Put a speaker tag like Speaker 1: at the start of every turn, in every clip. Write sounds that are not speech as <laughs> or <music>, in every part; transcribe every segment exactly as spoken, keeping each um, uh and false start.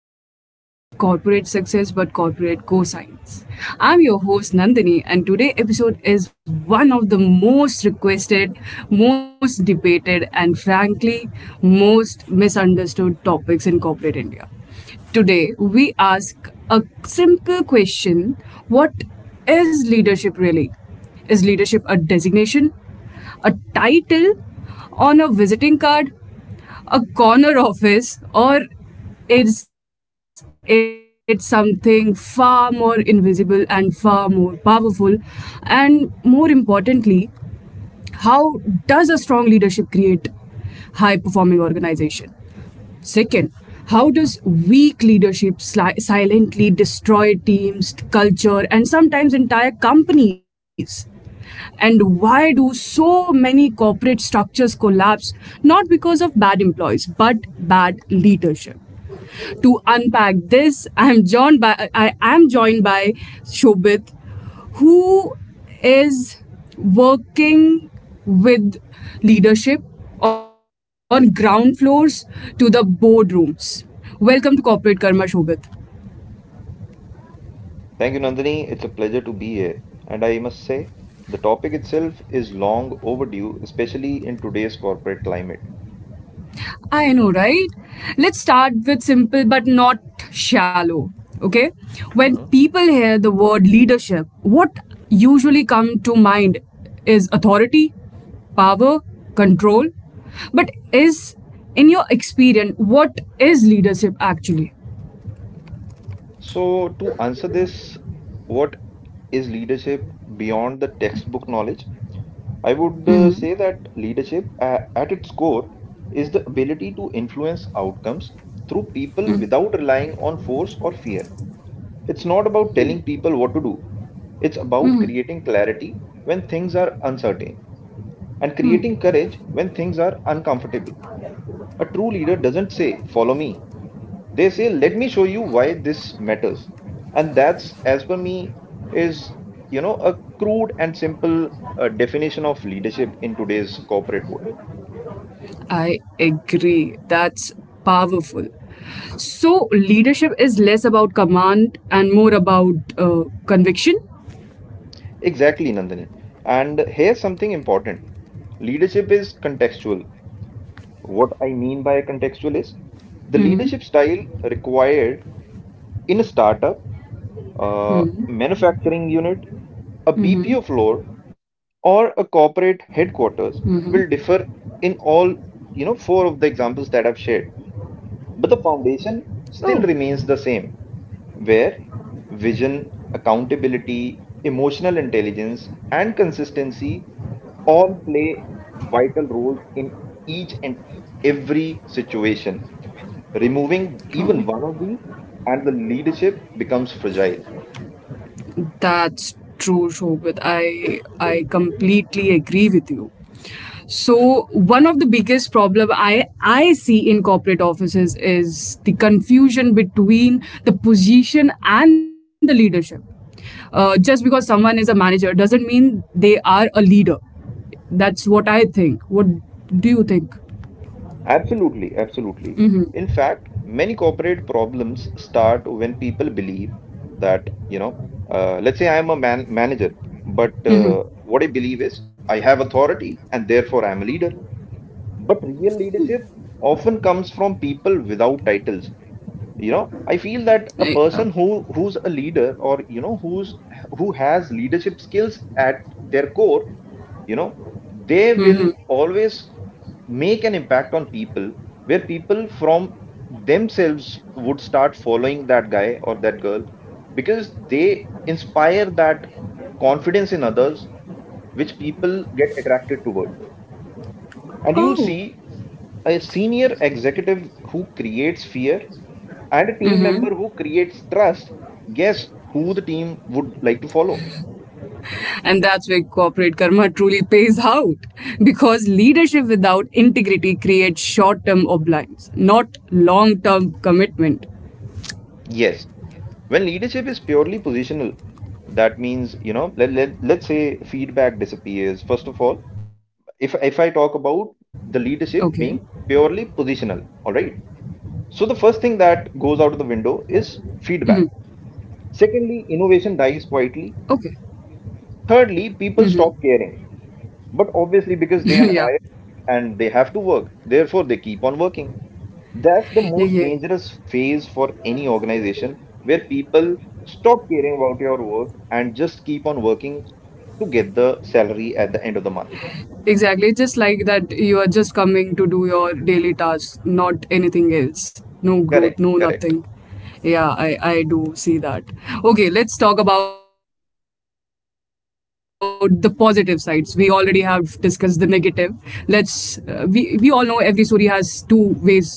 Speaker 1: not just corporate success but corporate cosigns. I'm your host Nandini, and today episode is one of the most requested, most debated, and frankly, most misunderstood topics in corporate India. Today, we ask a simple question. What is leadership really? Is leadership a designation, a title on a visiting card, a corner office, or is it something far more invisible and far more powerful? And more importantly, how does a strong leadership create high performing organization? Second, how does weak leadership sli- silently destroy teams, culture, and sometimes entire companies? And why do so many corporate structures collapse not because of bad employees but bad leadership? To unpack this, I'm joined by I am joined by Shobit, who is working with leadership on ground floors to the boardrooms. Welcome to Corporate Karma, Shobit.
Speaker 2: Thank you, Nandini. It's a pleasure to be here. And I must say, the topic itself is long overdue, especially in today's corporate climate.
Speaker 1: I know, right? Let's start with simple but not shallow. Okay? When
Speaker 2: Hmm.
Speaker 1: people hear the word leadership, what usually come to mind is authority, power, control. But is in your experience what is leadership actually?
Speaker 2: So, to answer this, what is leadership beyond the textbook knowledge? I would uh, say that leadership, uh, at its core, is the ability to influence outcomes through people without relying on force or fear. It's not about telling people what to do, it's about creating clarity when things are uncertain, and creating courage when things are uncomfortable. A true leader doesn't say, "Follow me." They say, "Let me show you why this matters." And that's, as per me, is, you know, a crude and simple uh, definition of leadership in today's corporate world.
Speaker 1: I agree. That's powerful. So leadership is less about command and more about uh, conviction.
Speaker 2: Exactly, Nandini. And here's something important: leadership is contextual. What I mean by contextual is the
Speaker 1: Mm-hmm.
Speaker 2: leadership style required in a startup, uh, manufacturing unit, a B P O floor, or a corporate headquarters will differ in all, you know, four of the examples that I've shared, but the foundation
Speaker 1: Oh,
Speaker 2: still remains the same, where vision, accountability, emotional intelligence and consistency all play vital roles in each and every situation. Removing even one of these and the leadership becomes fragile.
Speaker 1: that's true, Shobit. I I completely agree with you. So one of the biggest problem I I see in corporate offices is the confusion between the position and the leadership. Uh, just because someone is a manager doesn't mean they are a leader. That's what I think. What do you think?
Speaker 2: Absolutely, absolutely. In fact, many corporate problems start when people believe that, you know, uh, let's say I'm a man manager, but
Speaker 1: Mm-hmm.
Speaker 2: uh, what I believe is I have authority and therefore I'm a leader. But real leadership often comes from people without titles. You know, I feel that a
Speaker 1: Uh,
Speaker 2: person who who's a leader, or you know, who's who has leadership skills at their core, you know, they will
Speaker 1: mm-hmm.
Speaker 2: always make an impact on people, where people from themselves would start following that guy or that girl because they inspire that confidence in others, which people get attracted toward. And you'll
Speaker 1: Oh.
Speaker 2: see a senior executive who creates fear and a team member who creates trust. Guess who the team would like to follow?
Speaker 1: And that's where corporate karma <laughs> truly pays out. Because leadership without integrity creates short term obliance, not long term commitment.
Speaker 2: Yes. When leadership is purely positional, that means, you know, let, let, let's say feedback disappears. First of all, if, if
Speaker 1: Okay.
Speaker 2: I talk about the leadership being purely positional, all right. So the first thing that goes out of the window is feedback. Secondly, innovation
Speaker 1: Okay.
Speaker 2: dies quietly. Thirdly, people stop caring, but obviously
Speaker 1: <laughs> Yeah.
Speaker 2: because they are hired and they have to work, therefore they keep on working. That's the
Speaker 1: Yeah, yeah.
Speaker 2: most dangerous phase for any organization, where people stop caring about your work and just keep on working to get the salary at the end of the month.
Speaker 1: Exactly. It's just like that you are just coming to do your daily tasks, not anything else. No growth,
Speaker 2: Correct,
Speaker 1: no
Speaker 2: correct,
Speaker 1: nothing. Yeah, I, I do see that. Okay, let's talk about the positive sides. We already have discussed the negative. Let's uh, we we all know every story has two ways to say it, right? Two sides of it.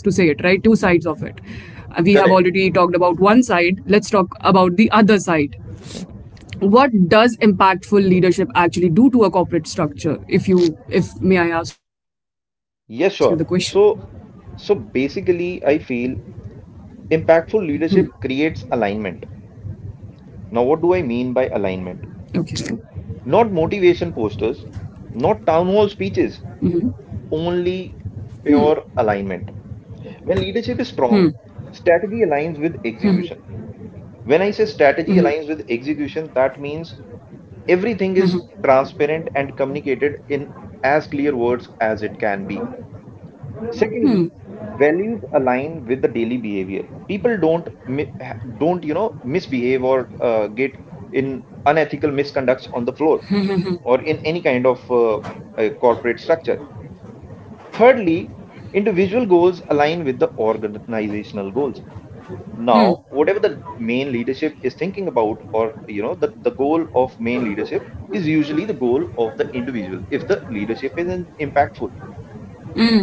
Speaker 1: Uh, We have already talked about one
Speaker 2: correct.
Speaker 1: side. Let's talk about the other side. What
Speaker 2: Mhm.
Speaker 1: does impactful leadership actually do to a corporate structure if you, if may I ask you the question?
Speaker 2: Yes, sure. So, so basically, I feel impactful leadership creates alignment. Now, what do I mean
Speaker 1: Okay.
Speaker 2: by alignment? Not motivation posters, not town hall speeches, only pure alignment. When leadership is strong, strategy aligns with execution. When I say strategy aligns with execution, that means everything is transparent and communicated in as clear words as it can be. Secondly, values align with the daily behavior. People don't mi- ha- don't, you know, misbehave or uh, get in unethical misconducts on the floor or in any kind of uh, uh, corporate structure. Thirdly, individual goals align with the organizational goals. Now, whatever the main leadership is thinking about, or you know, the, the goal of main leadership is usually the goal of the individual if the leadership is in- impactful.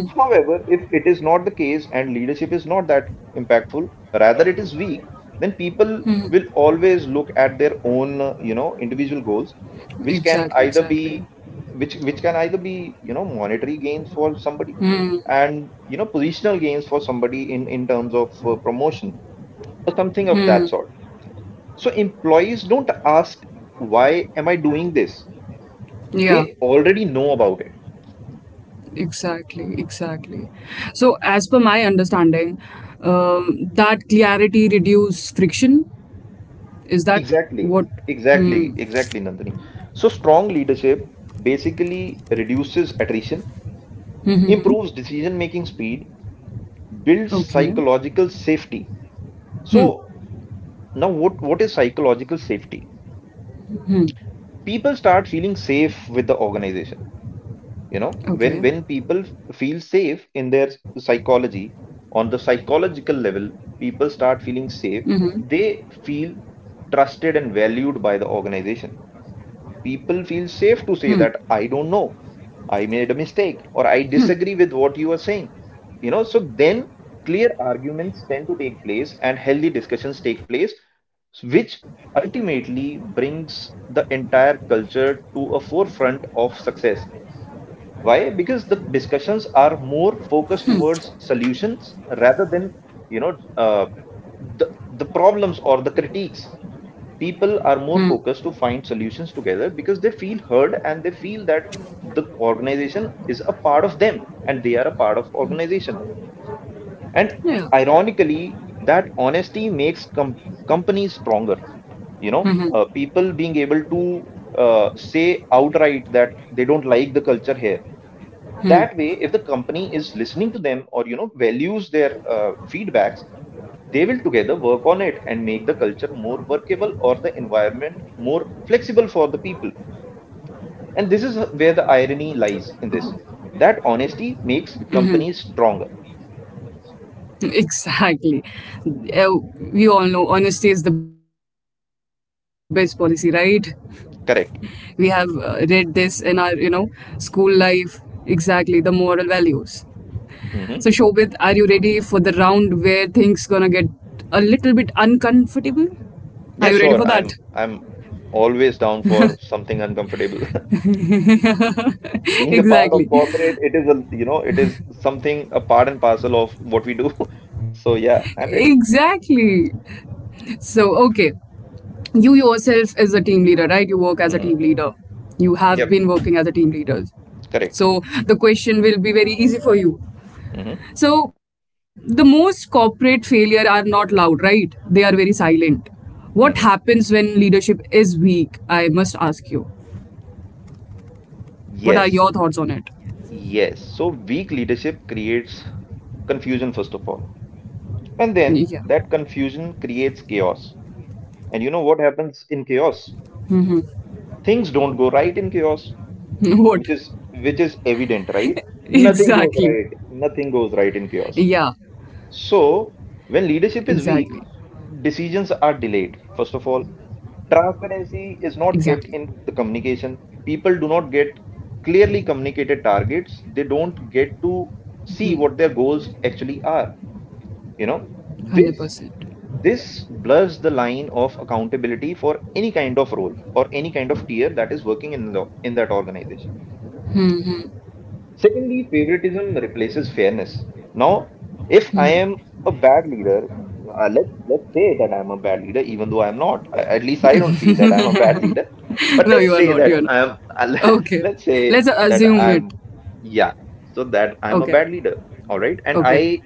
Speaker 2: However, if it is not the case and leadership is not that impactful, rather it is weak, then people will always look at their own, uh, you know, individual goals, which can
Speaker 1: Exactly,
Speaker 2: either
Speaker 1: exactly.
Speaker 2: be which which can either be, you know, monetary gains for somebody and you know, positional gains for somebody in in terms of uh, promotion or something of that sort. So employees don't ask, why am I doing this?
Speaker 1: Yeah,
Speaker 2: They already know about it.
Speaker 1: exactly, exactly. So as per my understanding, um, that clarity reduce friction, is that
Speaker 2: Exactly,
Speaker 1: what?
Speaker 2: exactly, exactly, Nandini. So strong leadership basically reduces attrition, improves decision-making speed, builds
Speaker 1: Okay.
Speaker 2: psychological safety.
Speaker 1: Hmm.
Speaker 2: So now what, what is psychological safety? People start feeling safe with the organization, you know, when
Speaker 1: Okay.
Speaker 2: when people f- feel safe in their psychology, on the psychological level, people start feeling safe. They feel trusted and valued by the organization. People feel safe to say that I don't know, I made a mistake, or I disagree with what you are saying. You know, so then clear arguments tend to take place and healthy discussions take place, which ultimately brings the entire culture to a forefront of success. Why? Because the discussions are more focused towards solutions rather than, you know, uh, the the problems or the critiques. People are
Speaker 1: Hmm.
Speaker 2: more focused to find solutions together because they feel heard and they feel that the organization is a part of them and they are a part of organization. And
Speaker 1: Yeah.
Speaker 2: ironically, that honesty makes com companies stronger. You know, uh, people being able to uh, say outright that they don't like the culture here. That way, if the company is listening to them, or you know, values their uh, feedbacks, they will together work on it and make the culture more workable or the environment more flexible for the people. And this is where the irony lies in this, that honesty makes companies stronger.
Speaker 1: <laughs> Exactly. Uh, we all know honesty is the best policy, right? We have uh, read
Speaker 2: Correct.
Speaker 1: this in our, you know, school life. Exactly, the moral values. So Shobit, are
Speaker 2: Hmm.
Speaker 1: you ready for the round where things gonna get a little bit uncomfortable? Are you ready
Speaker 2: Yeah,
Speaker 1: for
Speaker 2: sure,
Speaker 1: that?
Speaker 2: i'm i'm always down for something uncomfortable. <laughs>
Speaker 1: <laughs>
Speaker 2: being a part of
Speaker 1: Exactly,
Speaker 2: corporate, it is a, you know, it is something a part and parcel of what we do. <laughs> so yeah, I'm ready.
Speaker 1: exactly. So okay, you yourself is a team leader, right? You work as a team
Speaker 2: Hmm.
Speaker 1: leader. You have been working as a team leader.
Speaker 2: Correct.
Speaker 1: So the question will be very easy for you.
Speaker 2: Hmm.
Speaker 1: So, the most corporate failure are not loud, right? They are very silent. What happens
Speaker 2: Hmm.
Speaker 1: when leadership is weak? I must ask you. What are
Speaker 2: Yes,
Speaker 1: your thoughts on it?
Speaker 2: yes. So weak leadership creates confusion, first of all. And then
Speaker 1: Yeah.
Speaker 2: that confusion creates chaos. And you know what happens in chaos? Things don't go right in
Speaker 1: <laughs> What?
Speaker 2: chaos, which is which is evident, right?
Speaker 1: Exactly.
Speaker 2: Nothing goes right. Nothing
Speaker 1: Yeah.
Speaker 2: goes right in chaos. So when
Speaker 1: Exactly.
Speaker 2: leadership is weak, decisions are delayed, first of all. Transparency is
Speaker 1: Exactly.
Speaker 2: not kept in the communication. People do not get clearly communicated targets, they don't get to see what their goals actually are, you know. this
Speaker 1: one hundred percent.
Speaker 2: this blurs the line of accountability for any kind of role or any kind of tier that is working in the in that organization. Secondly, favoritism replaces fairness. Now, if I am a bad leader, uh, let's let's say that I'm a bad leader, even though I'm not. I, at least I don't feel that I'm a bad leader.
Speaker 1: <laughs>
Speaker 2: But
Speaker 1: No,
Speaker 2: let's
Speaker 1: you are
Speaker 2: say
Speaker 1: not.
Speaker 2: that
Speaker 1: You are not.
Speaker 2: I'm. <laughs>
Speaker 1: Okay.
Speaker 2: let's say
Speaker 1: Let's
Speaker 2: that
Speaker 1: assume it.
Speaker 2: I'm. Yeah. So that I'm a
Speaker 1: Okay.
Speaker 2: bad leader. All right. And
Speaker 1: Okay.
Speaker 2: I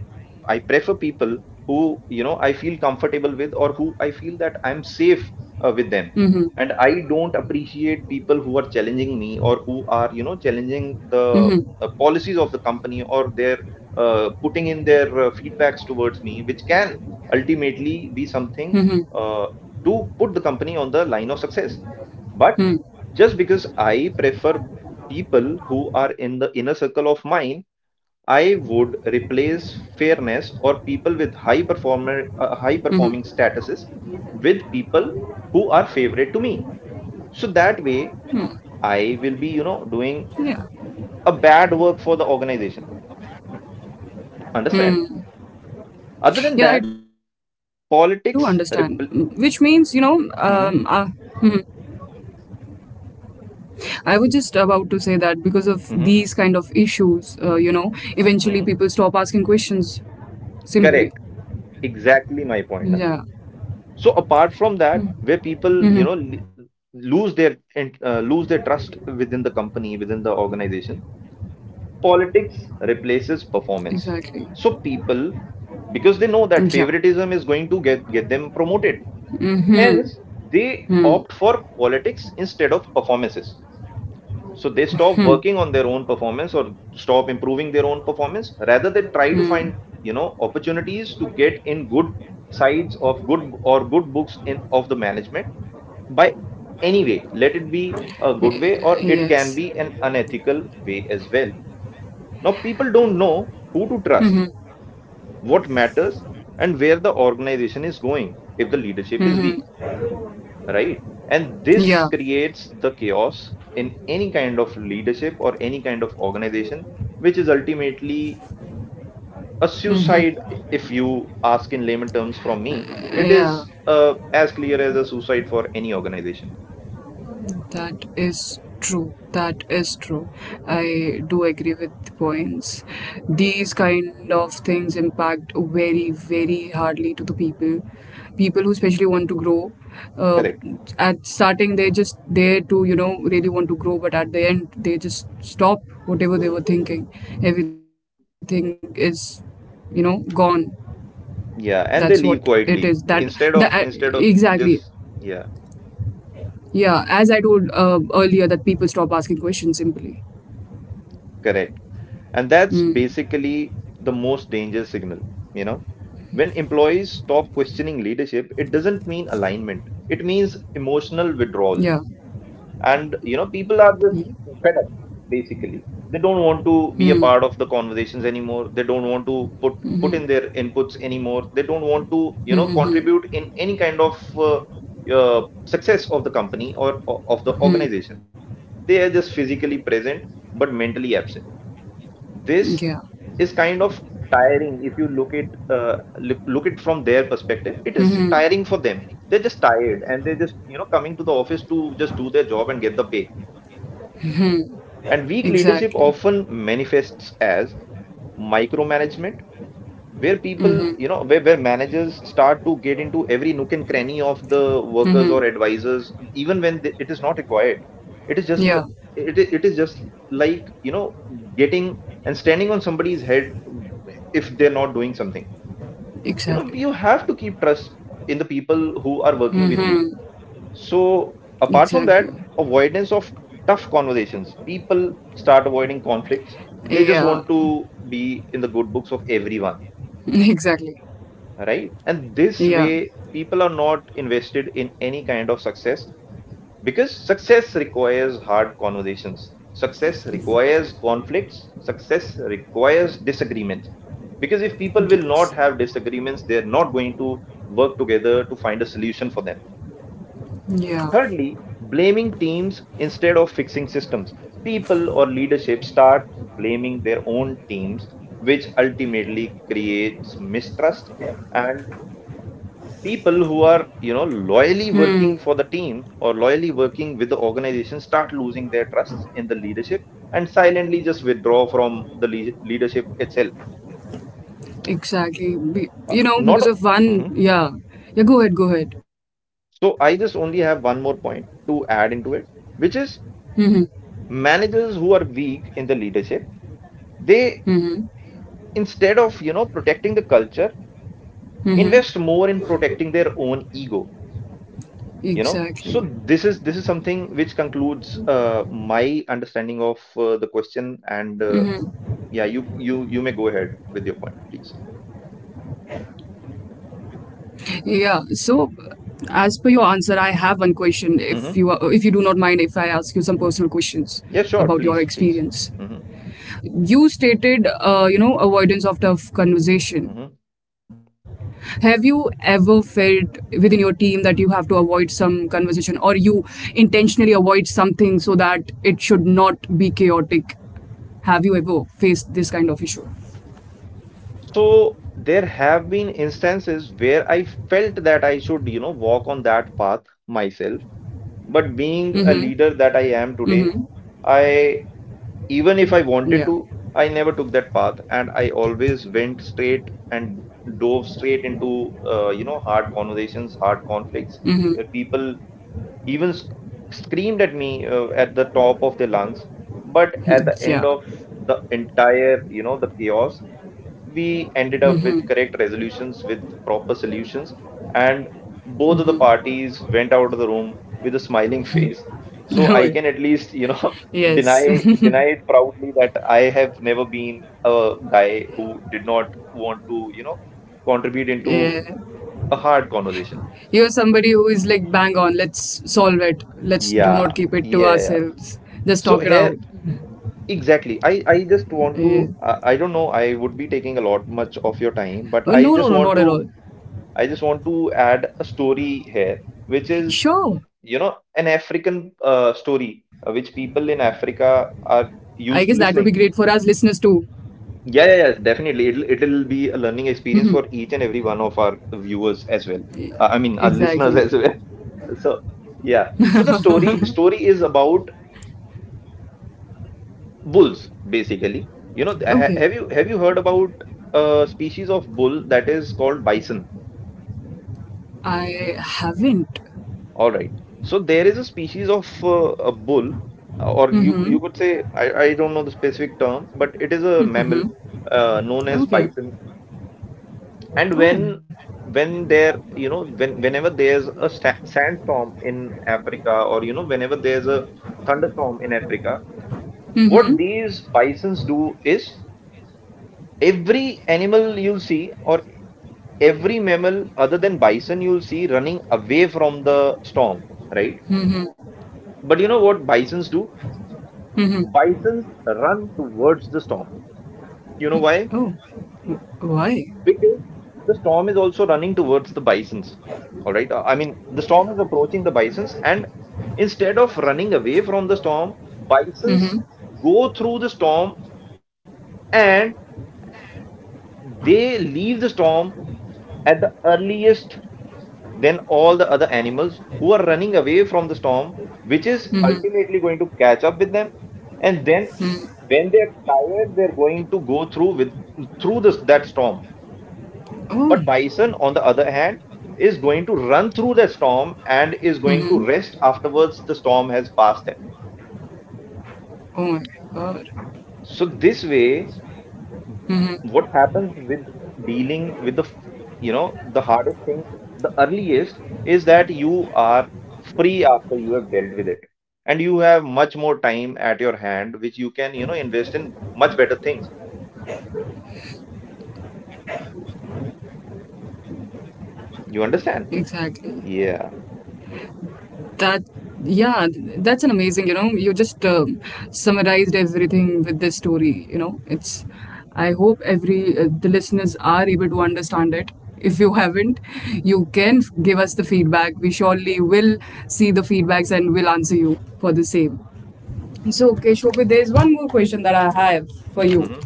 Speaker 2: I prefer people who, you know, I feel comfortable with, or who I feel that I'm safe uh, with them. And I don't appreciate people who are challenging me, or who are, you know, challenging the
Speaker 1: Mm-hmm.
Speaker 2: uh, policies of the company, or their uh, putting in their uh, feedbacks towards me, which can ultimately be something uh, to put the company on the line of success. But
Speaker 1: Mm-hmm.
Speaker 2: just because I prefer people who are in the inner circle of mine, I would replace fairness or people with high performer uh, high performing statuses with people who are favorite to me. So that way,
Speaker 1: Mm-hmm. Yeah.
Speaker 2: I will be, you know, doing a bad work for the organization. Understand?
Speaker 1: Yeah, I do
Speaker 2: Other than
Speaker 1: understand.
Speaker 2: that,
Speaker 1: Mm-hmm. Which means, you know,
Speaker 2: politics
Speaker 1: um, uh,
Speaker 2: repl-
Speaker 1: mhm.
Speaker 2: mhm,
Speaker 1: I was just about to say that because of these kind of
Speaker 2: mhm,
Speaker 1: issues, uh, you know, eventually people stop
Speaker 2: mhm.
Speaker 1: asking questions simply.
Speaker 2: Correct. Exactly my point,
Speaker 1: Yeah.
Speaker 2: Nandini. So apart from that, where people, you know,
Speaker 1: Mm-hmm.
Speaker 2: l- lose their in- uh, lose their trust within the company, within the organization, politics
Speaker 1: Exactly.
Speaker 2: replaces performance. So people,
Speaker 1: Yeah.
Speaker 2: because they know that favoritism is going to get get them promoted, hence they opt for politics instead of performances. So they stop working on their own performance or stop improving their own performance. Rather, they try to find, you know, opportunities to get in good sides of good, or good books in of the management, by any way. Let it be a good way, or it can
Speaker 1: Yes.
Speaker 2: be an unethical way as well. Now people don't know who to trust, what matters, and where the organization is going if the leadership is weak, right? And this
Speaker 1: Yeah.
Speaker 2: creates the chaos in any kind of leadership or any kind of organization, which is ultimately a suicide. If you ask in layman terms from me, it
Speaker 1: Yeah.
Speaker 2: is uh, as clear as a suicide for any organization.
Speaker 1: That is true. That is true. I do agree with the points. These kind of things impact very, very hardly to the people. People who especially want to grow. Uh,
Speaker 2: Correct.
Speaker 1: at starting, they're just there to, you know, really want to grow, but at the end, they just stop whatever they were thinking. Everything is, you know, gone. That's what
Speaker 2: Yeah, and
Speaker 1: it
Speaker 2: they
Speaker 1: is.
Speaker 2: leave
Speaker 1: That,
Speaker 2: quietly
Speaker 1: that uh,
Speaker 2: instead of instead
Speaker 1: exactly.
Speaker 2: of just yeah,
Speaker 1: Yeah, as I told uh, earlier, that people stop asking questions simply.
Speaker 2: correct. And that's basically the most dangerous signal, you know. When employees stop questioning leadership, it doesn't mean alignment. It means emotional
Speaker 1: Yeah.
Speaker 2: withdrawal. And, you know,
Speaker 1: Hmm.
Speaker 2: people are just fed up, basically. They don't want
Speaker 1: Hmm.
Speaker 2: to be a part of the conversations anymore. They don't want to put put in their inputs anymore. They don't want to,
Speaker 1: Hmm.
Speaker 2: you know,
Speaker 1: Hmm.
Speaker 2: contribute in any kind of uh, uh, success of the company, or, or of the
Speaker 1: Hmm.
Speaker 2: organization. They are just physically present but mentally absent.
Speaker 1: Yeah.
Speaker 2: This is kind of tiring if you look it, uh, look, look it from their perspective. It is tiring for them. They're just tired and they're just, you know, coming to the office to just do their job and get the pay. And weak leadership
Speaker 1: Exactly.
Speaker 2: often manifests as micromanagement where
Speaker 1: Hmm.
Speaker 2: people, you
Speaker 1: Hmm.
Speaker 2: know, where, where managers start to get into every nook and cranny of the
Speaker 1: Hmm,
Speaker 2: workers or
Speaker 1: hmm.
Speaker 2: advisors, even when th- it is not required. It is just,
Speaker 1: Yeah.
Speaker 2: l- it, i- it is just like, you know, getting and standing on somebody's head if they're not doing something. You know,
Speaker 1: Exactly.
Speaker 2: you have to keep trust in the people who are
Speaker 1: Hmm.
Speaker 2: working with you. So apart from
Speaker 1: Exactly.
Speaker 2: that, avoidance of tough conversations. People start avoiding conflicts. They just
Speaker 1: Yeah.
Speaker 2: want
Speaker 1: <laughs>
Speaker 2: to be in the good books of everyone,
Speaker 1: Exactly.
Speaker 2: right? And this
Speaker 1: Yeah.
Speaker 2: way, people are not invested in any kind of success because success requires hard conversations, success requires conflicts, success requires disagreement. Because if people will
Speaker 1: Yes.
Speaker 2: not have disagreements, they're not going to work together to find a solution for them.
Speaker 1: Yeah.
Speaker 2: Thirdly, blaming teams instead of fixing systems. People or leadership start blaming their own teams, which ultimately creates mistrust and people who are, you know, loyally
Speaker 1: Hmm.
Speaker 2: working for the team or loyally working with the organization start losing their trust in the leadership and silently just withdraw from the lea- leadership itself.
Speaker 1: Exactly. Be-
Speaker 2: Uh,
Speaker 1: you know,
Speaker 2: not
Speaker 1: because of one.
Speaker 2: Mhm. <laughs>
Speaker 1: Yeah. Yeah. Go ahead. Go ahead.
Speaker 2: so I just only have one more point to add into it, which
Speaker 1: Hmm.
Speaker 2: is managers who are weak in the leadership,
Speaker 1: Hmm. Hmm.
Speaker 2: they
Speaker 1: Hmm.
Speaker 2: instead of, you know, protecting the culture,
Speaker 1: Hmm, hmm.
Speaker 2: invest more in protecting their own ego, you know. So
Speaker 1: Exactly.
Speaker 2: this is this is something which concludes uh, my understanding of uh, the question, and uh, yeah, you you you may go ahead with your point, please.
Speaker 1: Yeah. So, as per your answer, I have one question. If you are, if you do not mind, if
Speaker 2: Hmm.
Speaker 1: I ask you some personal questions about your
Speaker 2: Yeah, sure,
Speaker 1: experience,
Speaker 2: please, please. Hmm.
Speaker 1: you stated, uh, you know, avoidance of tough conversation. Have
Speaker 2: Hmm.
Speaker 1: you ever felt within your team that you have to avoid some conversation, or you intentionally avoid something so that it should not be chaotic? Have you ever faced this kind of issue?
Speaker 2: So there have been instances where I felt that I should, you know, walk on that path myself. But being a leader that
Speaker 1: Mm-hmm.
Speaker 2: I am today, I,
Speaker 1: Yeah.
Speaker 2: even if I wanted to, I never took that path, and I always went straight and dove straight into uh, you know, hard conversations, hard conflicts, where people even sc- screamed at me uh, at the top of their lungs. But at the
Speaker 1: Yeah.
Speaker 2: end of the entire, you know, the chaos, we ended up with correct resolutions with proper solutions, and both of the parties went out of the room with a smiling face. So I can
Speaker 1: <laughs>
Speaker 2: at least, you know, <laughs>
Speaker 1: Yes.
Speaker 2: deny deny it proudly that I have never been a guy who did not want to, you know, contribute
Speaker 1: <laughs>
Speaker 2: into
Speaker 1: Yeah.
Speaker 2: a hard conversation.
Speaker 1: You're somebody who is like, bang on, let's solve it. Let's do not
Speaker 2: Yeah,
Speaker 1: keep it to
Speaker 2: yeah, yeah.
Speaker 1: ourselves. Just
Speaker 2: So
Speaker 1: talk it
Speaker 2: here,
Speaker 1: out.
Speaker 2: exactly. I I just want
Speaker 1: Yeah.
Speaker 2: to. I, I don't know. I would be taking a lot much of your time, but
Speaker 1: Oh,
Speaker 2: I
Speaker 1: no, no,
Speaker 2: just
Speaker 1: no,
Speaker 2: want
Speaker 1: not at
Speaker 2: to
Speaker 1: all.
Speaker 2: I just want to add a story here, which is,
Speaker 1: Sure.
Speaker 2: you know, an African uh,
Speaker 1: I
Speaker 2: story
Speaker 1: guess
Speaker 2: uh,
Speaker 1: that would
Speaker 2: which
Speaker 1: be
Speaker 2: people
Speaker 1: great
Speaker 2: in
Speaker 1: for us listeners
Speaker 2: Africa
Speaker 1: too.
Speaker 2: are used to listening. Yeah, yeah, yeah, definitely. It'll it'll be a learning experience for each and every one of our viewers as well.
Speaker 1: Exactly.
Speaker 2: Uh, I mean, our listeners as well. <laughs> So, yeah. So the story story is about bulls, basically. You know,
Speaker 1: Okay.
Speaker 2: ha have you have you heard about a species of bull that is called bison?
Speaker 1: I haven't.
Speaker 2: All right. So there is a species of uh, a bull, uh, or you you
Speaker 1: Mm
Speaker 2: could say, I, I don't know the specific term, but it is a mammal uh, known
Speaker 1: hmm.
Speaker 2: as
Speaker 1: Okay.
Speaker 2: bison. And
Speaker 1: Oh.
Speaker 2: when when there, you know, when whenever there's a sa- sandstorm in Africa, or you know whenever there's a thunderstorm in Africa,
Speaker 1: Mm
Speaker 2: what these bisons do is every animal you'll see, or every mammal other than bison you'll see running away from the storm, right? But you know what bisons do?
Speaker 1: hmm. Mm hmm.
Speaker 2: Bisons run towards the storm. You know why?
Speaker 1: Oh. Why?
Speaker 2: Because the storm is also running towards the bisons. All right. Uh, I mean, the storm is approaching the bisons, and instead of running away from the storm,
Speaker 1: Mm
Speaker 2: bisons
Speaker 1: hmm.
Speaker 2: go through the storm and they leave the storm at the earliest than all the other animals who are running away from the storm, which is ultimately going to catch up with them. And then, when they're tired, they're going to go through with through this that storm.
Speaker 1: Oh,
Speaker 2: But bison, on the other hand, is going to run through the storm and is going to rest afterwards the storm has passed them.
Speaker 1: oh my god.
Speaker 2: So this way, what happens with dealing with the f- you know the hardest thing the earliest, is that you are free after you have dealt with it, and you have much more time at your hand which you can, you know, invest in much better things.
Speaker 1: Exactly.
Speaker 2: You understand?
Speaker 1: That,
Speaker 2: Yeah.
Speaker 1: yeah, th- that's an amazing, you know, you just um summarized everything with this story, you know. It's, I hope every, uh, the listeners are able to understand it. If you haven't, you can f- give us the feedback. We surely will see the feedbacks and will answer you for the same. So, okay, Shobhit, there's one more question that I have for you.
Speaker 2: Hmm.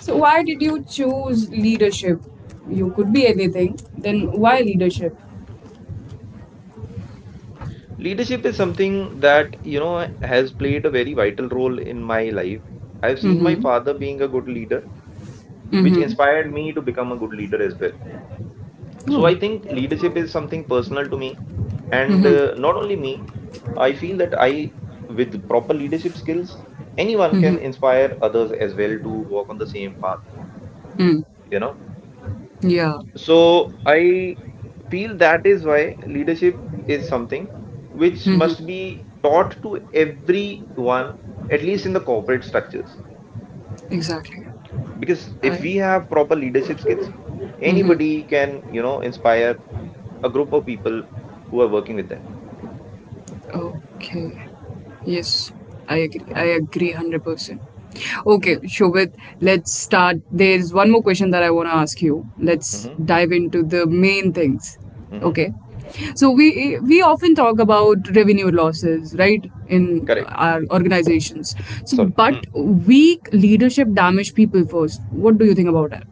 Speaker 1: So, why did you choose leadership? You could be anything. Then, why
Speaker 2: Hmm.
Speaker 1: leadership?
Speaker 2: Leadership is something that, you know, has played a very vital role in my life. I've seen my
Speaker 1: Mm-hmm.
Speaker 2: father being a good leader, which
Speaker 1: Mm-hmm.
Speaker 2: inspired me to become a good leader as well. So
Speaker 1: Oh.
Speaker 2: I think leadership is something personal to me, and uh, not only me, I feel that I, with proper leadership skills, anyone can inspire others as well to walk on the same path,
Speaker 1: Mm.
Speaker 2: you know.
Speaker 1: Yeah,
Speaker 2: So I feel that is why leadership is something which must be taught to everyone, at least in the corporate structures.
Speaker 1: exactly.
Speaker 2: Because if
Speaker 1: I.
Speaker 2: we have proper leadership skills, anybody can, you know, inspire a group of people who are working with them.
Speaker 1: Okay. Yes, I agree. I agree one hundred percent. Okay,
Speaker 2: Mhm,
Speaker 1: Shobit, let's start. There's one more question that I want to ask you. Let's
Speaker 2: mhm.
Speaker 1: dive into the main things.
Speaker 2: Hmm.
Speaker 1: Okay. So we we often talk about revenue losses, right, in
Speaker 2: Correct.
Speaker 1: our organizations. So,
Speaker 2: Sorry.
Speaker 1: but
Speaker 2: Hmm.
Speaker 1: weak leadership damage people first. What do you think about that?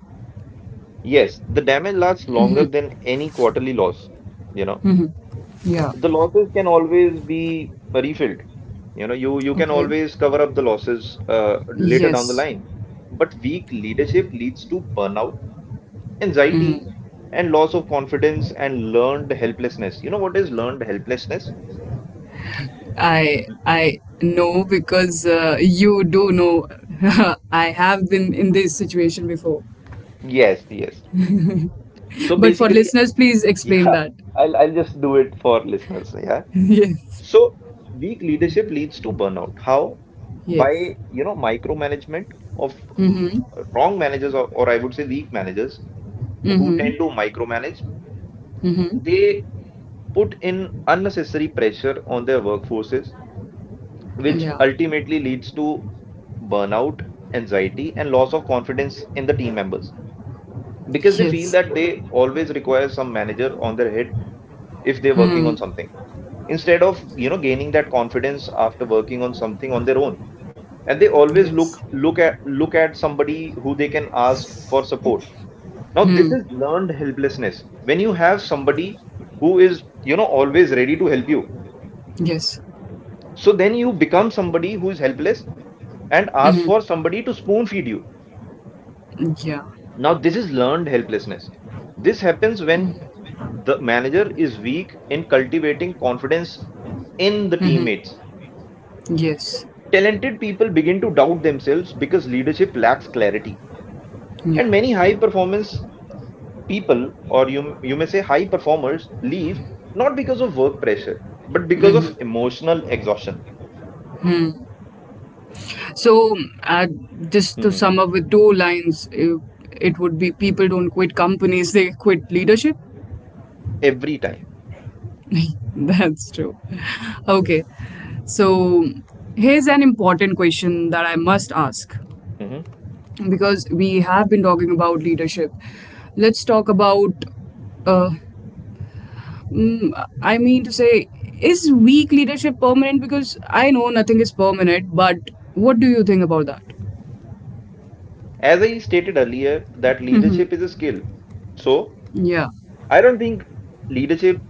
Speaker 2: Yes, the damage lasts longer than any quarterly loss. You know,
Speaker 1: Yeah.
Speaker 2: the losses can always be refilled. You know, you you can
Speaker 1: Okay.
Speaker 2: always cover up the losses uh, later down the
Speaker 1: Yes.
Speaker 2: line. But weak leadership leads to burnout, anxiety, and loss of confidence and learned helplessness. You know what is learned helplessness?
Speaker 1: I
Speaker 2: L-
Speaker 1: I know because uh, you do
Speaker 2: Mhm.
Speaker 1: know. <laughs> I have been in this situation before.
Speaker 2: Yes, yes. So
Speaker 1: But for
Speaker 2: basically, <laughs>
Speaker 1: listeners, please
Speaker 2: yeah,
Speaker 1: explain that.
Speaker 2: I'll I'll just do it for listeners. Yeah.
Speaker 1: <laughs> Yes.
Speaker 2: So weak leadership leads to burnout. How?
Speaker 1: Yes.
Speaker 2: By, you know, micromanagement of mm,
Speaker 1: Mm-hmm.
Speaker 2: wrong managers, or, or I would say weak managers who
Speaker 1: Mm-hmm.
Speaker 2: tend to micromanage,
Speaker 1: Mm-hmm.
Speaker 2: they put in unnecessary pressure on their workforces, which
Speaker 1: Yeah.
Speaker 2: ultimately leads to burnout, anxiety, and loss of confidence in the team members because they feel
Speaker 1: Yes.
Speaker 2: that they always require some manager on their head if they're working
Speaker 1: Hmm.
Speaker 2: on something. Instead of, you know, gaining that confidence after working on something on their own, and they always
Speaker 1: Yes.
Speaker 2: look look at look at somebody who they can ask for support. Now this is learned helplessness. When you have somebody who is, you know, always ready to help you,
Speaker 1: Yes.
Speaker 2: so then you become somebody who is helpless and ask for
Speaker 1: Mm-hmm.
Speaker 2: somebody to spoon feed you.
Speaker 1: Yeah.
Speaker 2: Now this is learned helplessness. This happens when the manager is weak in cultivating confidence in the teammates.
Speaker 1: Yes.
Speaker 2: Talented people begin to doubt themselves because leadership lacks clarity,
Speaker 1: Yeah.
Speaker 2: and many high performance people, or you you may say, high performers leave not because of work pressure but because of emotional exhaustion.
Speaker 1: So, uh, just to
Speaker 2: Mhm.
Speaker 1: sum up with two lines, it, it would be people don't quit companies, they quit leadership.
Speaker 2: Every time.
Speaker 1: <laughs> That's true. Okay. So, here's an important question that I must ask
Speaker 2: Mhm.
Speaker 1: because we have been talking about leadership. Let's talk about, uh, mm, I mean to say, is weak leadership permanent? Because I know nothing is permanent, but what do you think about that?
Speaker 2: As I stated earlier, that leadership is a skill. So
Speaker 1: Yeah.
Speaker 2: I don't think leadership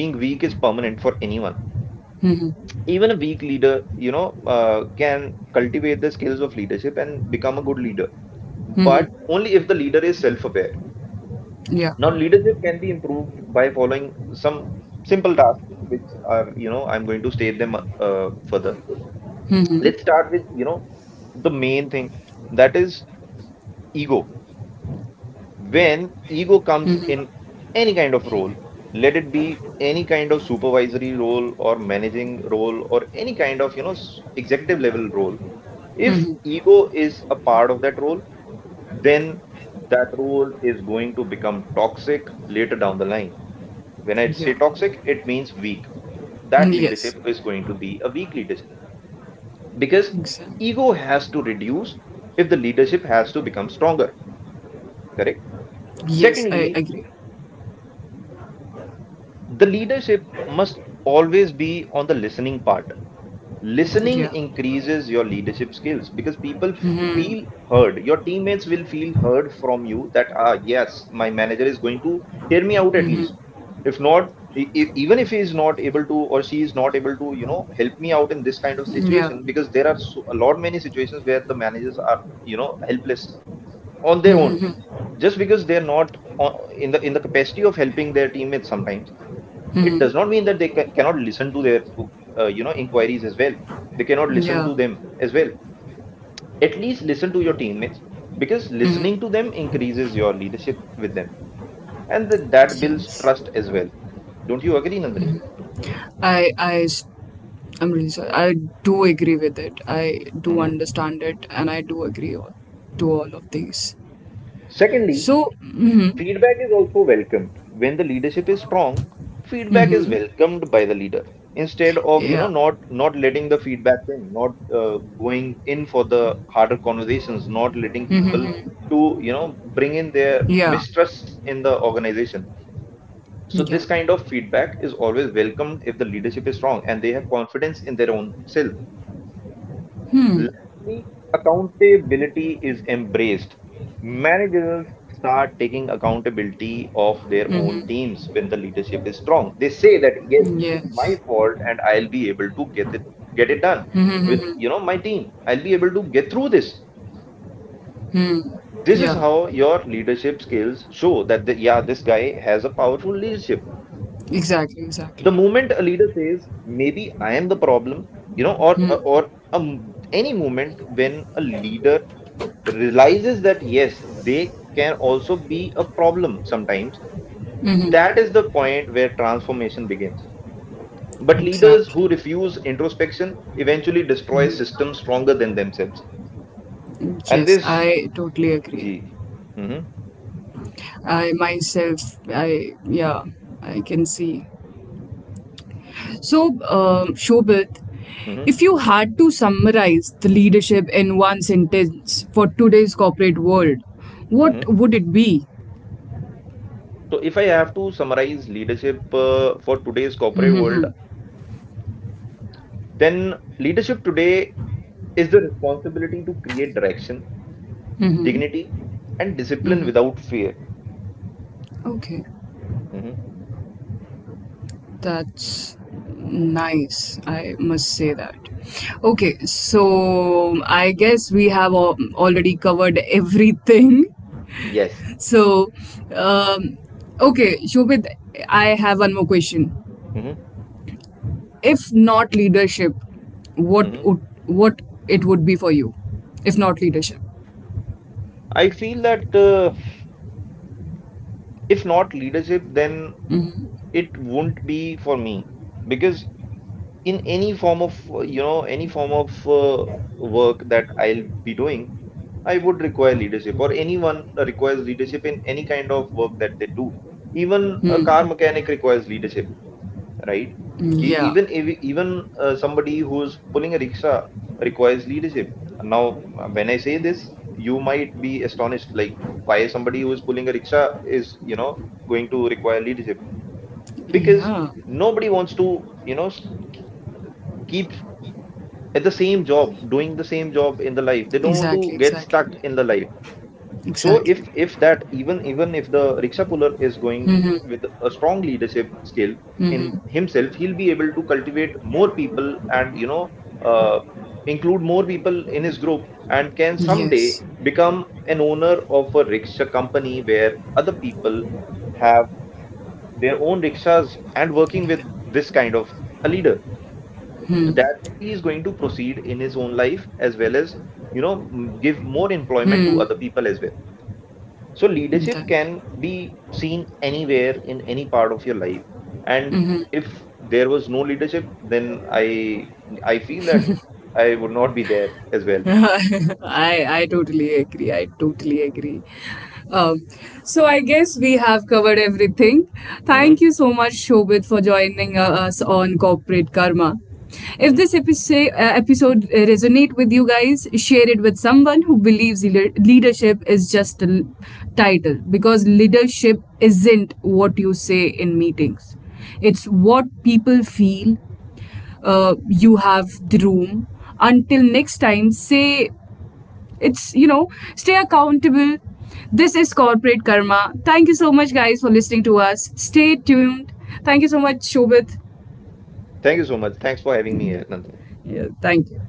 Speaker 2: being weak is permanent for anyone.
Speaker 1: Hmm.
Speaker 2: Even a weak leader, you know, uh, can cultivate the skills of leadership and become a good leader,
Speaker 1: Hmm.
Speaker 2: but only if the leader is self aware.
Speaker 1: Yeah.
Speaker 2: Now, leadership can be improved by following some simple tasks, which are, you know, I'm going to state them uh, further. Let's start with, you know, the main thing, that is ego. When ego comes in any kind of role, let it be any kind of supervisory role or managing role or any kind of, you know, s- executive level role, if ego is a part of that role, then that role is going to become toxic later down the line. When I say
Speaker 1: Yeah.
Speaker 2: toxic, it means weak. That
Speaker 1: Yes.
Speaker 2: leadership is going to be a weak leadership because
Speaker 1: Exactly.
Speaker 2: ego has to reduce if the leadership has to become stronger. Correct?
Speaker 1: Yes, I
Speaker 2: Secondly,
Speaker 1: agree.
Speaker 2: the leadership must always be on the listening part. Listening
Speaker 1: Yeah.
Speaker 2: increases your leadership skills because people feel heard. Your teammates will feel heard from you, that ah yes, my manager is going to hear me out at least, if not e- e- even if he is not able to or she is not able to, you know, help me out in this kind of
Speaker 1: Yeah.
Speaker 2: situation, because there are so, a lot many situations where the managers are, you know, helpless on their own, just because they are not on, in the in the capacity of helping their teammates sometimes, it does not mean that they ca- cannot listen to their uh, you know inquiries as well, they cannot listen
Speaker 1: Yeah.
Speaker 2: to them as well. At least listen to your teammates, because listening to them increases your leadership with them, and th- that builds
Speaker 1: Yes.
Speaker 2: trust as well. Don't you agree, Nandini?
Speaker 1: I, I, s- I'm really sorry. I do agree with it. I do
Speaker 2: Hmm.
Speaker 1: understand it, and I do agree all, to all of these.
Speaker 2: Secondly,
Speaker 1: So, mm-hmm,
Speaker 2: feedback is also welcomed. When the leadership is strong, feedback is
Speaker 1: mm-hmm,
Speaker 2: welcomed by the leader instead of, you know,
Speaker 1: yeah,
Speaker 2: not not letting the feedback in, not uh, going in for the harder conversations, not letting people to, you know, bring in their
Speaker 1: yeah,
Speaker 2: mistrust in the organization. So this
Speaker 1: yeah,
Speaker 2: kind of feedback is always welcomed if the leadership is strong and they have confidence in their own self. Lastly, accountability is embraced. Managers start taking accountability of their own teams when the leadership is strong. They say that yes, it is my
Speaker 1: yes,
Speaker 2: fault and I'll be able to get it get it done with, you know, my team. I'll be able to get through this.
Speaker 1: hmm,
Speaker 2: This is
Speaker 1: yeah,
Speaker 2: how your leadership skills show that the, yeah, this guy has a powerful leadership.
Speaker 1: exactly,
Speaker 2: The
Speaker 1: exactly,
Speaker 2: moment a leader says maybe I am the problem, you know, or or or a m any moment when a leader realizes that yes, they can also be a problem sometimes. That is the point where transformation begins. But leaders
Speaker 1: exactly.
Speaker 2: who refuse introspection eventually destroy systems stronger than themselves. And
Speaker 1: Yes,
Speaker 2: this,
Speaker 1: I totally agree.
Speaker 2: gee. Mhm.
Speaker 1: I myself, I yeah, I can see. So, um, Shobit,
Speaker 2: Mhm,
Speaker 1: if you had to summarize the leadership in one sentence for today's corporate world, what
Speaker 2: mhm.
Speaker 1: would it be?
Speaker 2: So, if I have to summarize leadership uh, for today's corporate world,
Speaker 1: Hmm.
Speaker 2: then leadership today is the responsibility to create direction,
Speaker 1: Hmm.
Speaker 2: dignity, and discipline
Speaker 1: Hmm.
Speaker 2: without fear.
Speaker 1: Okay,
Speaker 2: Mhm.
Speaker 1: that's nice. I must say that. Okay, so I guess we have al- already covered everything. <laughs>
Speaker 2: Yes.
Speaker 1: So, um, okay, Shobit, I have one more question.
Speaker 2: Mhm,
Speaker 1: If not leadership, what
Speaker 2: mhm.
Speaker 1: would what it would be for you? If not leadership.
Speaker 2: I feel that uh, if not leadership, then it won't be for me, because in any form of uh, you know, any form of uh, work that I'll be doing, I would require leadership, or anyone requires leadership in any kind of work that they do. Even a car
Speaker 1: Hmm.
Speaker 2: mechanic requires leadership. Right? E-
Speaker 1: Yeah.
Speaker 2: Even if- even uh, Somebody who is pulling a rickshaw requires leadership. Now, when I say this, you might be astonished, like why somebody who is pulling a rickshaw is, you know, going to require leadership, because
Speaker 1: Yeah.
Speaker 2: nobody wants to, you know, s- keep at the same job, doing the same job in the life. They don't want
Speaker 1: Exactly.
Speaker 2: to get stuck
Speaker 1: Exactly.
Speaker 2: in the life. So
Speaker 1: Exactly.
Speaker 2: if if that, even even if the rickshaw puller is going with a strong leadership skill in himself, he'll be able to cultivate more people and, you know, uh, include more people in his group and can someday
Speaker 1: Yes.
Speaker 2: become an owner of a rickshaw company where other people have their own rickshaws and working with this kind of a leader. That way he is going to proceed in his own life as well as, you know, m- give more employment to other people as well. So leadership
Speaker 1: That.
Speaker 2: can be seen anywhere in any part of your life. And if there was no leadership, then I I feel that I would not be there as well.
Speaker 1: I I totally agree. I totally agree. Um, so I guess we have covered everything. Thank
Speaker 2: Hmm.
Speaker 1: you so much, Shobit, for joining uh, us on Corporate Karma. If this
Speaker 2: Hmm.
Speaker 1: episode, uh, episode uh, resonate with you guys, share it with someone who believes leader- leadership is just a l- title because leadership isn't what you say in meetings. It's what people feel, uh, you have the room. Until next time, say it's, you know, stay accountable. This is corporate karma. Thank you so much, guys, for listening to us. Stay tuned. Thank you so much, Shobit.
Speaker 2: Thank you so much. Thanks for having me
Speaker 1: Yeah,
Speaker 2: here, Nandini.
Speaker 1: yeah thank you.